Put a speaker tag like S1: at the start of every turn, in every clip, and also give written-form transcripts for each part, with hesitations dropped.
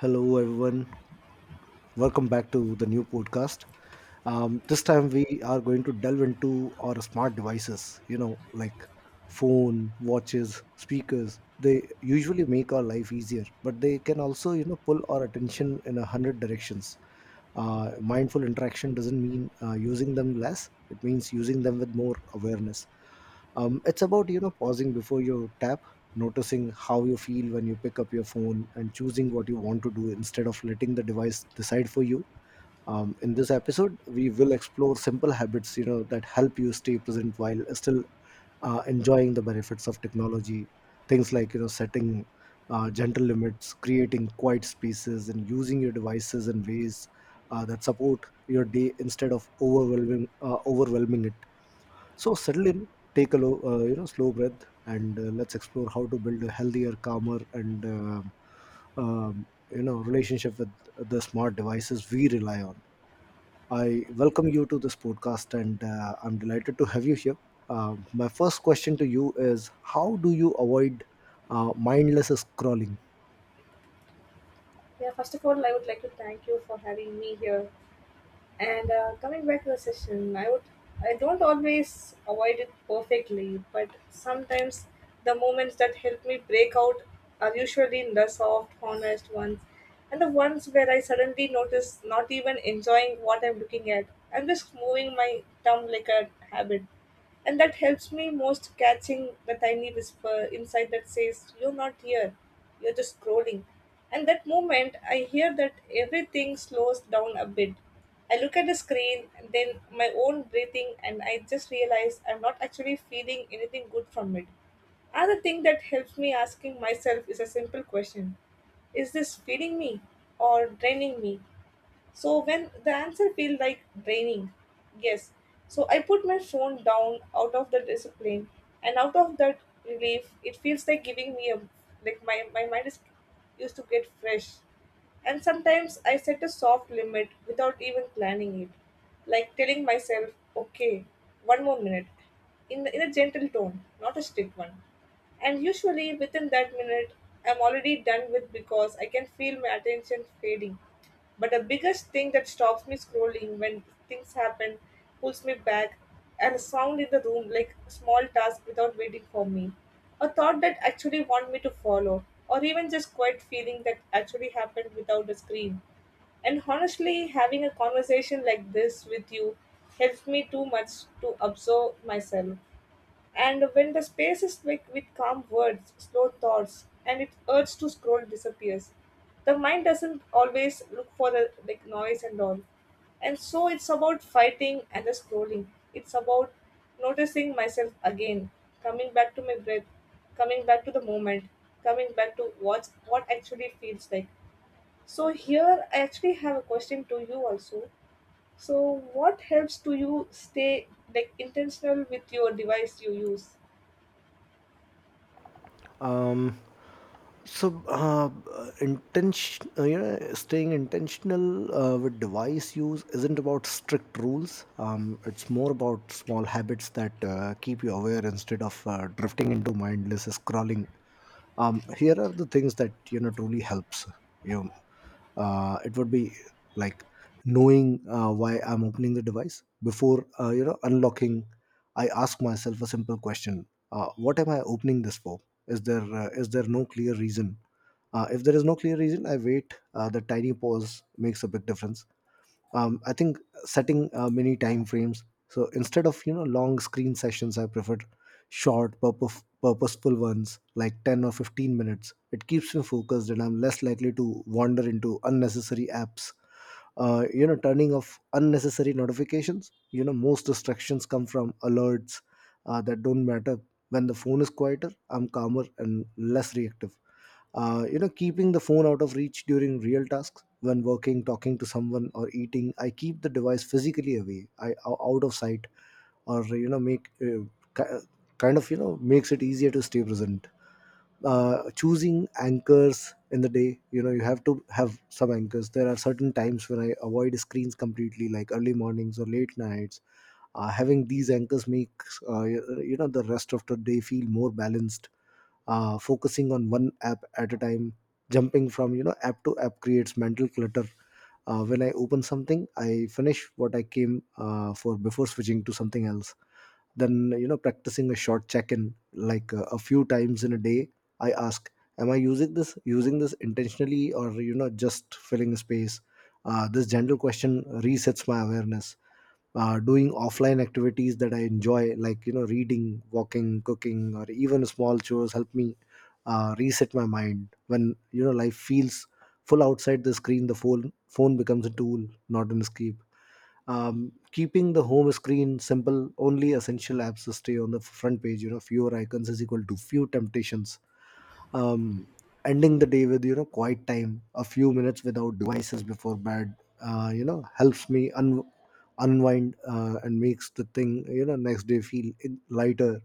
S1: Hello, everyone. Welcome back to the new podcast. This time we are going to delve into our smart devices, like phone, watches, speakers. They usually make our life easier, but they can also, pull our attention in a hundred directions. Mindful interaction doesn't mean using them less; it means using them with more awareness. It's about pausing before you tap, noticing how you feel when you pick up your phone, and choosing what you want to do instead of letting the device decide for you. In this episode we will explore simple habits that help you stay present while still enjoying the benefits of technology, things like setting gentle limits, creating quiet spaces, and using your devices in ways that support your day instead of overwhelming overwhelming it. So settle in, take a low, slow breath, and let's explore how to build a healthier, calmer, and um, relationship with the smart devices we rely on. I welcome you to this podcast, and I'm delighted to have you here. My first question to you is: how do you avoid mindless scrolling?
S2: Yeah, first of all, I would like to thank you for having me here. And coming back to the session, I don't always avoid it perfectly, but sometimes the moments that help me break out are usually the soft, honest ones, and the ones where I suddenly notice not even enjoying what I'm looking at. I'm just moving my thumb like a habit. And that helps me most catching the tiny whisper inside that says, "You're not here, you're just scrolling." And that moment, I hear that everything slows down a bit. I look at the screen, and then my own breathing, and I just realize I'm not actually feeling anything good from it. Another thing that helps me asking myself is a simple question: is this feeding me or draining me? So when the answer feel like draining, yes. So I put my phone down out of the discipline and out of that relief, it feels like giving me a like my mind is used to get fresh. And sometimes I set a soft limit without even planning it. Like telling myself, okay, one more minute. In a gentle tone, not a strict one. And usually within that minute, I'm already done with because I can feel my attention fading. But the biggest thing that stops me scrolling when things happen, pulls me back, and a sound in the room like a small task without waiting for me. A thought that actually want me to follow, or even just quiet feeling that actually happened without a screen. And honestly, having a conversation like this with you helps me too much to observe myself. And when the space is thick with calm words, slow thoughts, and its urge to scroll disappears, the mind doesn't always look for the like noise and all. And so it's about fighting and the scrolling. It's about noticing myself again, coming back to my breath, coming back to the moment, coming back to what's what actually feels like. So here I actually have a question to you also. So what helps to you stay like intentional with your device you use?
S1: um so uh, Intention, staying intentional with device use isn't about strict rules. It's more about small habits that keep you aware instead of drifting into mindless scrolling. Here are the things that truly helps you. It would be like knowing why I'm opening the device before unlocking. I ask myself a simple question: what am I opening this for? Is there no clear reason? If there is no clear reason, I wait. The tiny pause makes a big difference. I think setting many time frames, so instead of long screen sessions I prefer short purposeful ones like 10 or 15 minutes. It keeps me focused and I'm less likely to wander into unnecessary apps. Turning off unnecessary notifications, most distractions come from alerts that don't matter. When the phone is quieter, I'm calmer and less reactive. Keeping the phone out of reach during real tasks: when working, talking to someone, or eating, I keep the device physically away, out of sight, or make ki- kind of makes it easier to stay present. Choosing anchors in the day, you have to have some anchors. There are certain times when I avoid screens completely, like early mornings or late nights. Having these anchors makes the rest of the day feel more balanced. Focusing on one app at a time: jumping from app to app creates mental clutter. When I open something, I finish what I came for before switching to something else. Then, practicing a short check-in like a few times in a day, I ask, am I using this intentionally, or just filling space? This general question resets my awareness. Doing offline activities that I enjoy, like reading, walking, cooking, or even small chores, help me reset my mind. When life feels full outside the screen, the phone becomes a tool, not an escape. Keeping the home screen simple: only essential apps stay on the front page. Fewer icons is equal to few temptations. um, Ending the day with quiet time, a few minutes without devices before bed, helps me unwind and makes the thing, next day feel lighter.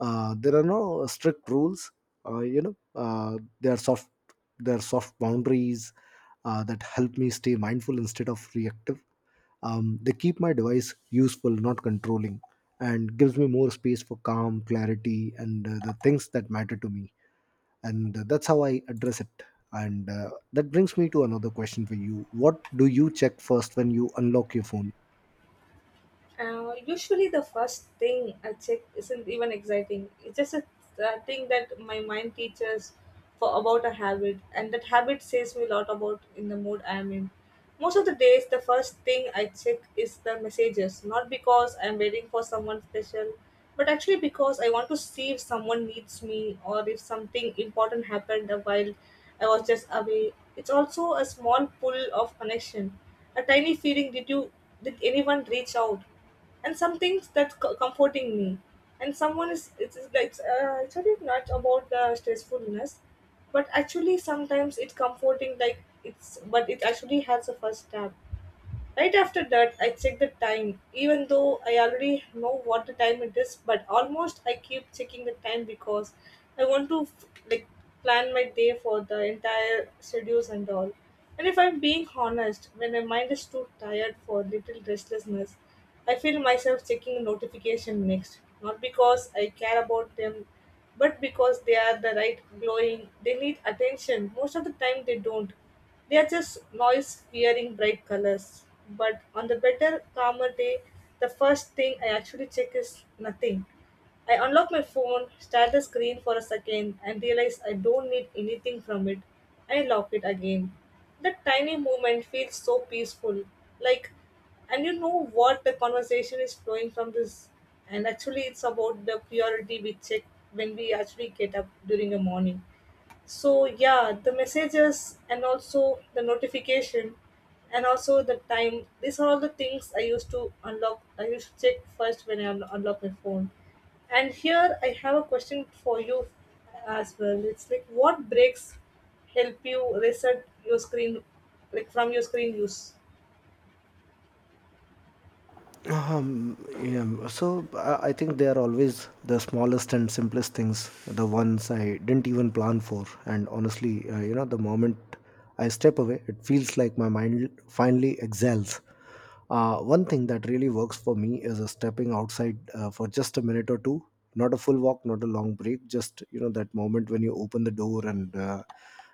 S1: There are no strict rules. uh, you know uh, there are soft there are soft boundaries that help me stay mindful instead of reactive. They keep my device useful, not controlling, and gives me more space for calm, clarity, and the things that matter to me. And that's how I address it. And that brings me to another question for you: what do you check first when you unlock your phone?
S2: Usually, the first thing I check isn't even exciting. It's just a thing that my mind teaches for about a habit, and that habit says me a lot about in the mood I am in. Most of the days, the first thing I check is the messages, not because I'm waiting for someone special, but actually because I want to see if someone needs me or if something important happened while I was just away. It's also a small pull of connection, a tiny feeling. Did you, did anyone reach out, and some things that's comforting me and someone is it's like actually not about the stressfulness but actually sometimes it's comforting like it's, but it actually has a first step. Right after that, I check the time, even though I already know what the time it is, but almost I keep checking the time because I want to like plan my day for the entire schedules and all. And if I'm being honest, when my mind is too tired for little restlessness, I feel myself checking notification next, not because I care about them but because they are the right glowing, they need attention. Most of the time they don't, they are just noise fearing bright colors. But on the better calmer day, the first thing I actually check is nothing. I unlock my phone, start the screen for a second and realize I don't need anything from it. I lock it again. That tiny movement feels so peaceful. Like, and you know what, the conversation is flowing from this, and actually it's about the purity we check when we actually get up during the morning. So yeah, the messages and also the notification and also the time, these are all the things I used to unlock, I used to check first when I unlock my phone. And here I have a question for you as well. It's like, what breaks help you reset your screen, like from your screen use?
S1: Um, yeah, so I think they are always the smallest and simplest things, the ones I didn't even plan for. And honestly, the moment I step away, it feels like my mind finally exhales. One thing that really works for me is stepping outside for just a minute or two. Not a full walk, not a long break, just, that moment when you open the door and uh,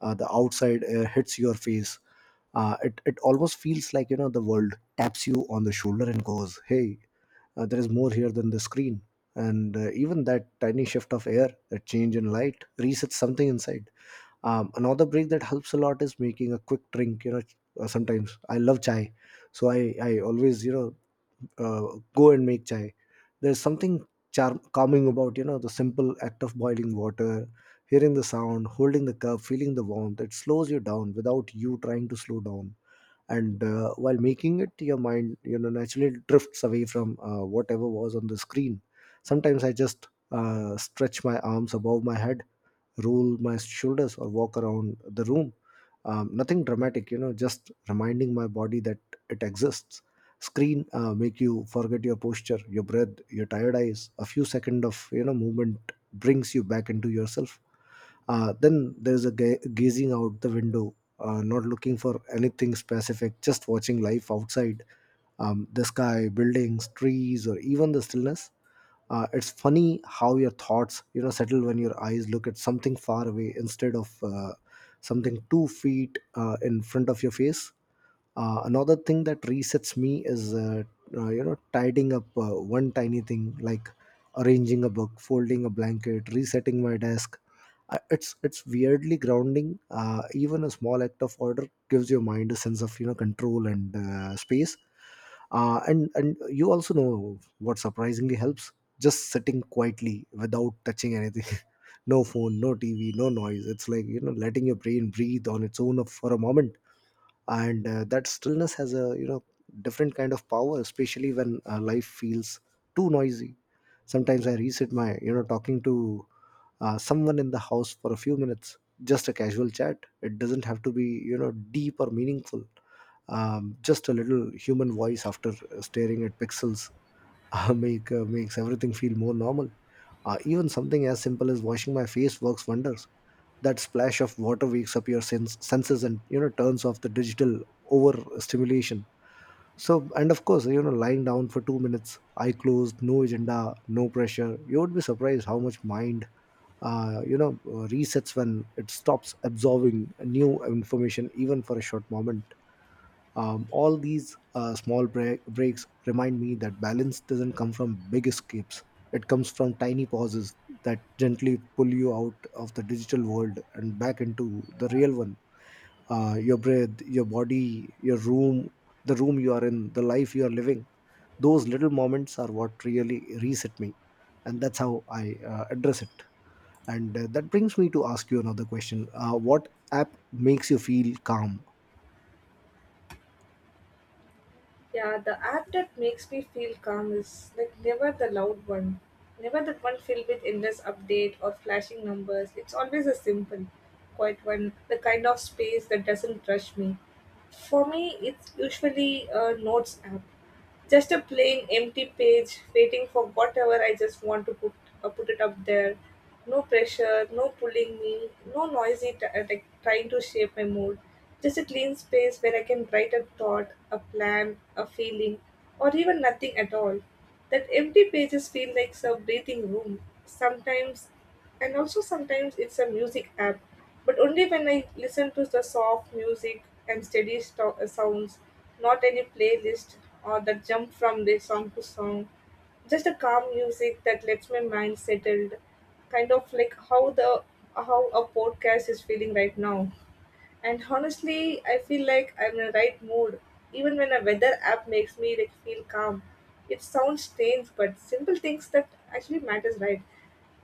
S1: uh, the outside air hits your face. It almost feels like the world taps you on the shoulder and goes, hey, there is more here than the screen. And even that tiny shift of air, that change in light, resets something inside. Another break that helps a lot is making a quick drink, sometimes I love chai. So I always, uh, go and make chai. There's something calming about, the simple act of boiling water, hearing the sound, holding the cup, feeling the warmth. It slows you down without you trying to slow down. And while making it, your mind naturally drifts away from whatever was on the screen. Sometimes I just stretch my arms above my head, roll my shoulders, or walk around the room. Nothing dramatic, just reminding my body that it exists. Screen make you forget your posture, your breath, your tired eyes. A few seconds of, movement brings you back into yourself. Then there is a gazing out the window, not looking for anything specific, just watching life outside, the sky, buildings, trees, or even the stillness. It's funny how your thoughts settle when your eyes look at something far away instead of something 2 feet in front of your face. Another thing that resets me is tidying up one tiny thing, like arranging a book, folding a blanket, resetting my desk. It's weirdly grounding. Even a small act of order gives your mind a sense of, control and space. And you also know what surprisingly helps? Just sitting quietly without touching anything. No phone, no TV, no noise. It's like, letting your brain breathe on its own for a moment. And that stillness has a, different kind of power, especially when life feels too noisy. Sometimes I reset my, talking to someone in the house for a few minutes, just a casual chat. It doesn't have to be, deep or meaningful. Just a little human voice after staring at pixels makes everything feel more normal. Even something as simple as washing my face works wonders. That splash of water wakes up your senses and turns off the digital overstimulation. So, and of course, lying down for 2 minutes, eye closed, no agenda, no pressure. You would be surprised how much mind, resets when it stops absorbing new information, even for a short moment. All these breaks remind me that balance doesn't come from big escapes. It comes from tiny pauses that gently pull you out of the digital world and back into the real one, your breath, your body, your room, the room you are in, the life you are living. Those little moments are what really reset me, and that's how I address it. And that brings me to ask you another question: what app makes you feel calm?
S2: Yeah, the app that makes me feel calm is like never the loud one. Never the one filled with endless update or flashing numbers. It's always a simple, quiet one, the kind of space that doesn't rush me. For me, it's usually a notes app. Just a plain empty page, waiting for whatever I just want to put it up there. No pressure, no pulling me, no noisy like trying to shape my mood. Just a clean space where I can write a thought, a plan, a feeling, or even nothing at all. That empty pages feel like some breathing room. Sometimes, and also sometimes it's a music app, but only when I listen to the soft music and sounds, not any playlist or the jump from the song to song, just a calm music that lets my mind settled, kind of like how the how a podcast is feeling right now. And honestly, I feel like I'm in the right mood. Even when a weather app makes me like feel calm. It sounds strange, but simple things that actually matters, right?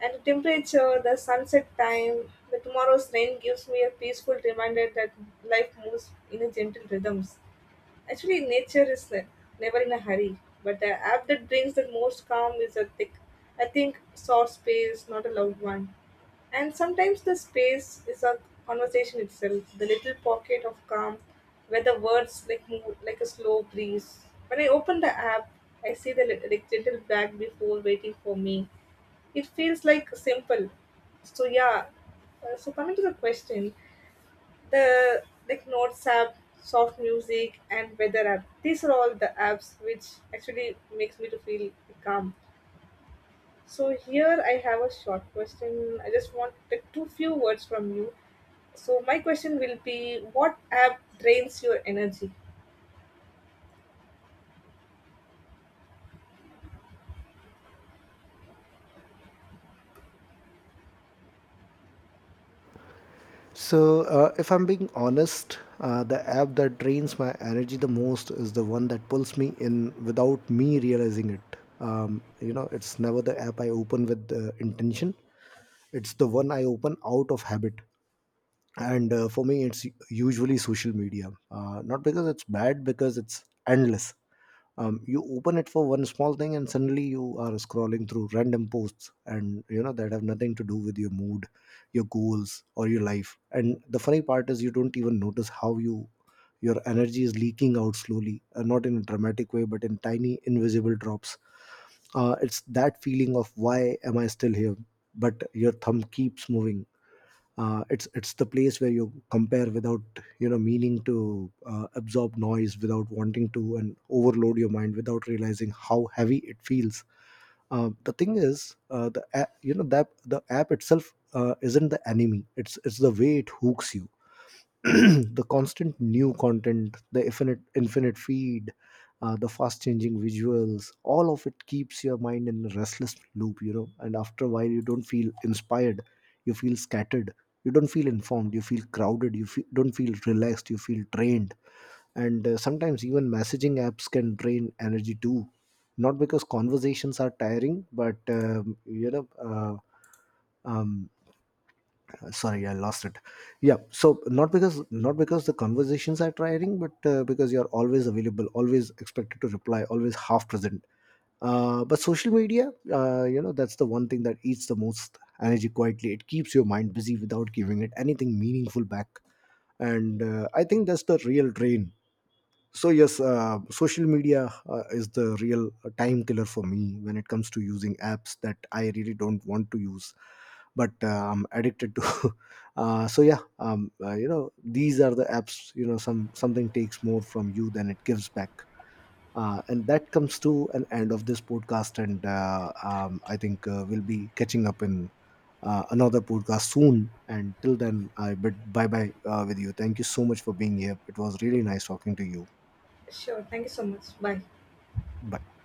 S2: And the temperature, the sunset time, the tomorrow's rain gives me a peaceful reminder that life moves in a gentle rhythms. Actually, nature is never in a hurry, but the app that brings the most calm is a thick, I think, soft space, not a loud one. And sometimes the space is a conversation itself, the little pocket of calm where the words like move like a slow breeze. When I open the app, I see the like gentle bag before waiting for me. It feels like simple. So yeah. So coming to the question, the like notes app, soft music and weather app, these are all the apps which actually makes me to feel calm. So here I have a short question, I just want like two few words from you. So my question will be, what app drains your energy?
S1: So, if I'm being honest, the app that drains my energy the most is the one that pulls me in without me realizing it. You know, it's never the app I open with intention. It's the one I open out of habit. And for me it's usually social media, not because it's bad, because it's endless. You open it for one small thing and suddenly you are scrolling through random posts and, that have nothing to do with your mood, your goals, or your life. And the funny part is you don't even notice how your energy is leaking out slowly, not in a dramatic way, but in tiny invisible drops. It's that feeling of, why am I still here? But your thumb keeps moving. It's the place where you compare without, meaning to, absorb noise without wanting to, and overload your mind without realizing how heavy it feels. The thing is, the app, that the app itself isn't the enemy. It's the way it hooks you. The constant new content, the infinite feed, the fast changing visuals, all of it keeps your mind in a restless loop, And after a while, you don't feel inspired, you feel scattered. You don't feel informed, you feel crowded. You don't feel relaxed, you feel drained. And sometimes even messaging apps can drain energy too. Not because conversations are tiring, but um, sorry, I lost it. Yeah, so not because the conversations are tiring, but because you're always available, always expected to reply, always half present. But social media, that's the one thing that eats the most energy quietly. It keeps your mind busy without giving it anything meaningful back. And I think that's the real drain. So yes, social media is the real time killer for me when it comes to using apps that I really don't want to use, but I'm addicted to. So yeah, these are the apps. You know, something takes more from you than it gives back. And that comes to an end of this podcast, and I think we'll be catching up in another podcast soon. And till then, I bid bye bye with you. Thank you so much for being here. It was really nice talking to you.
S2: Sure, thank you so much, bye.
S1: Bye.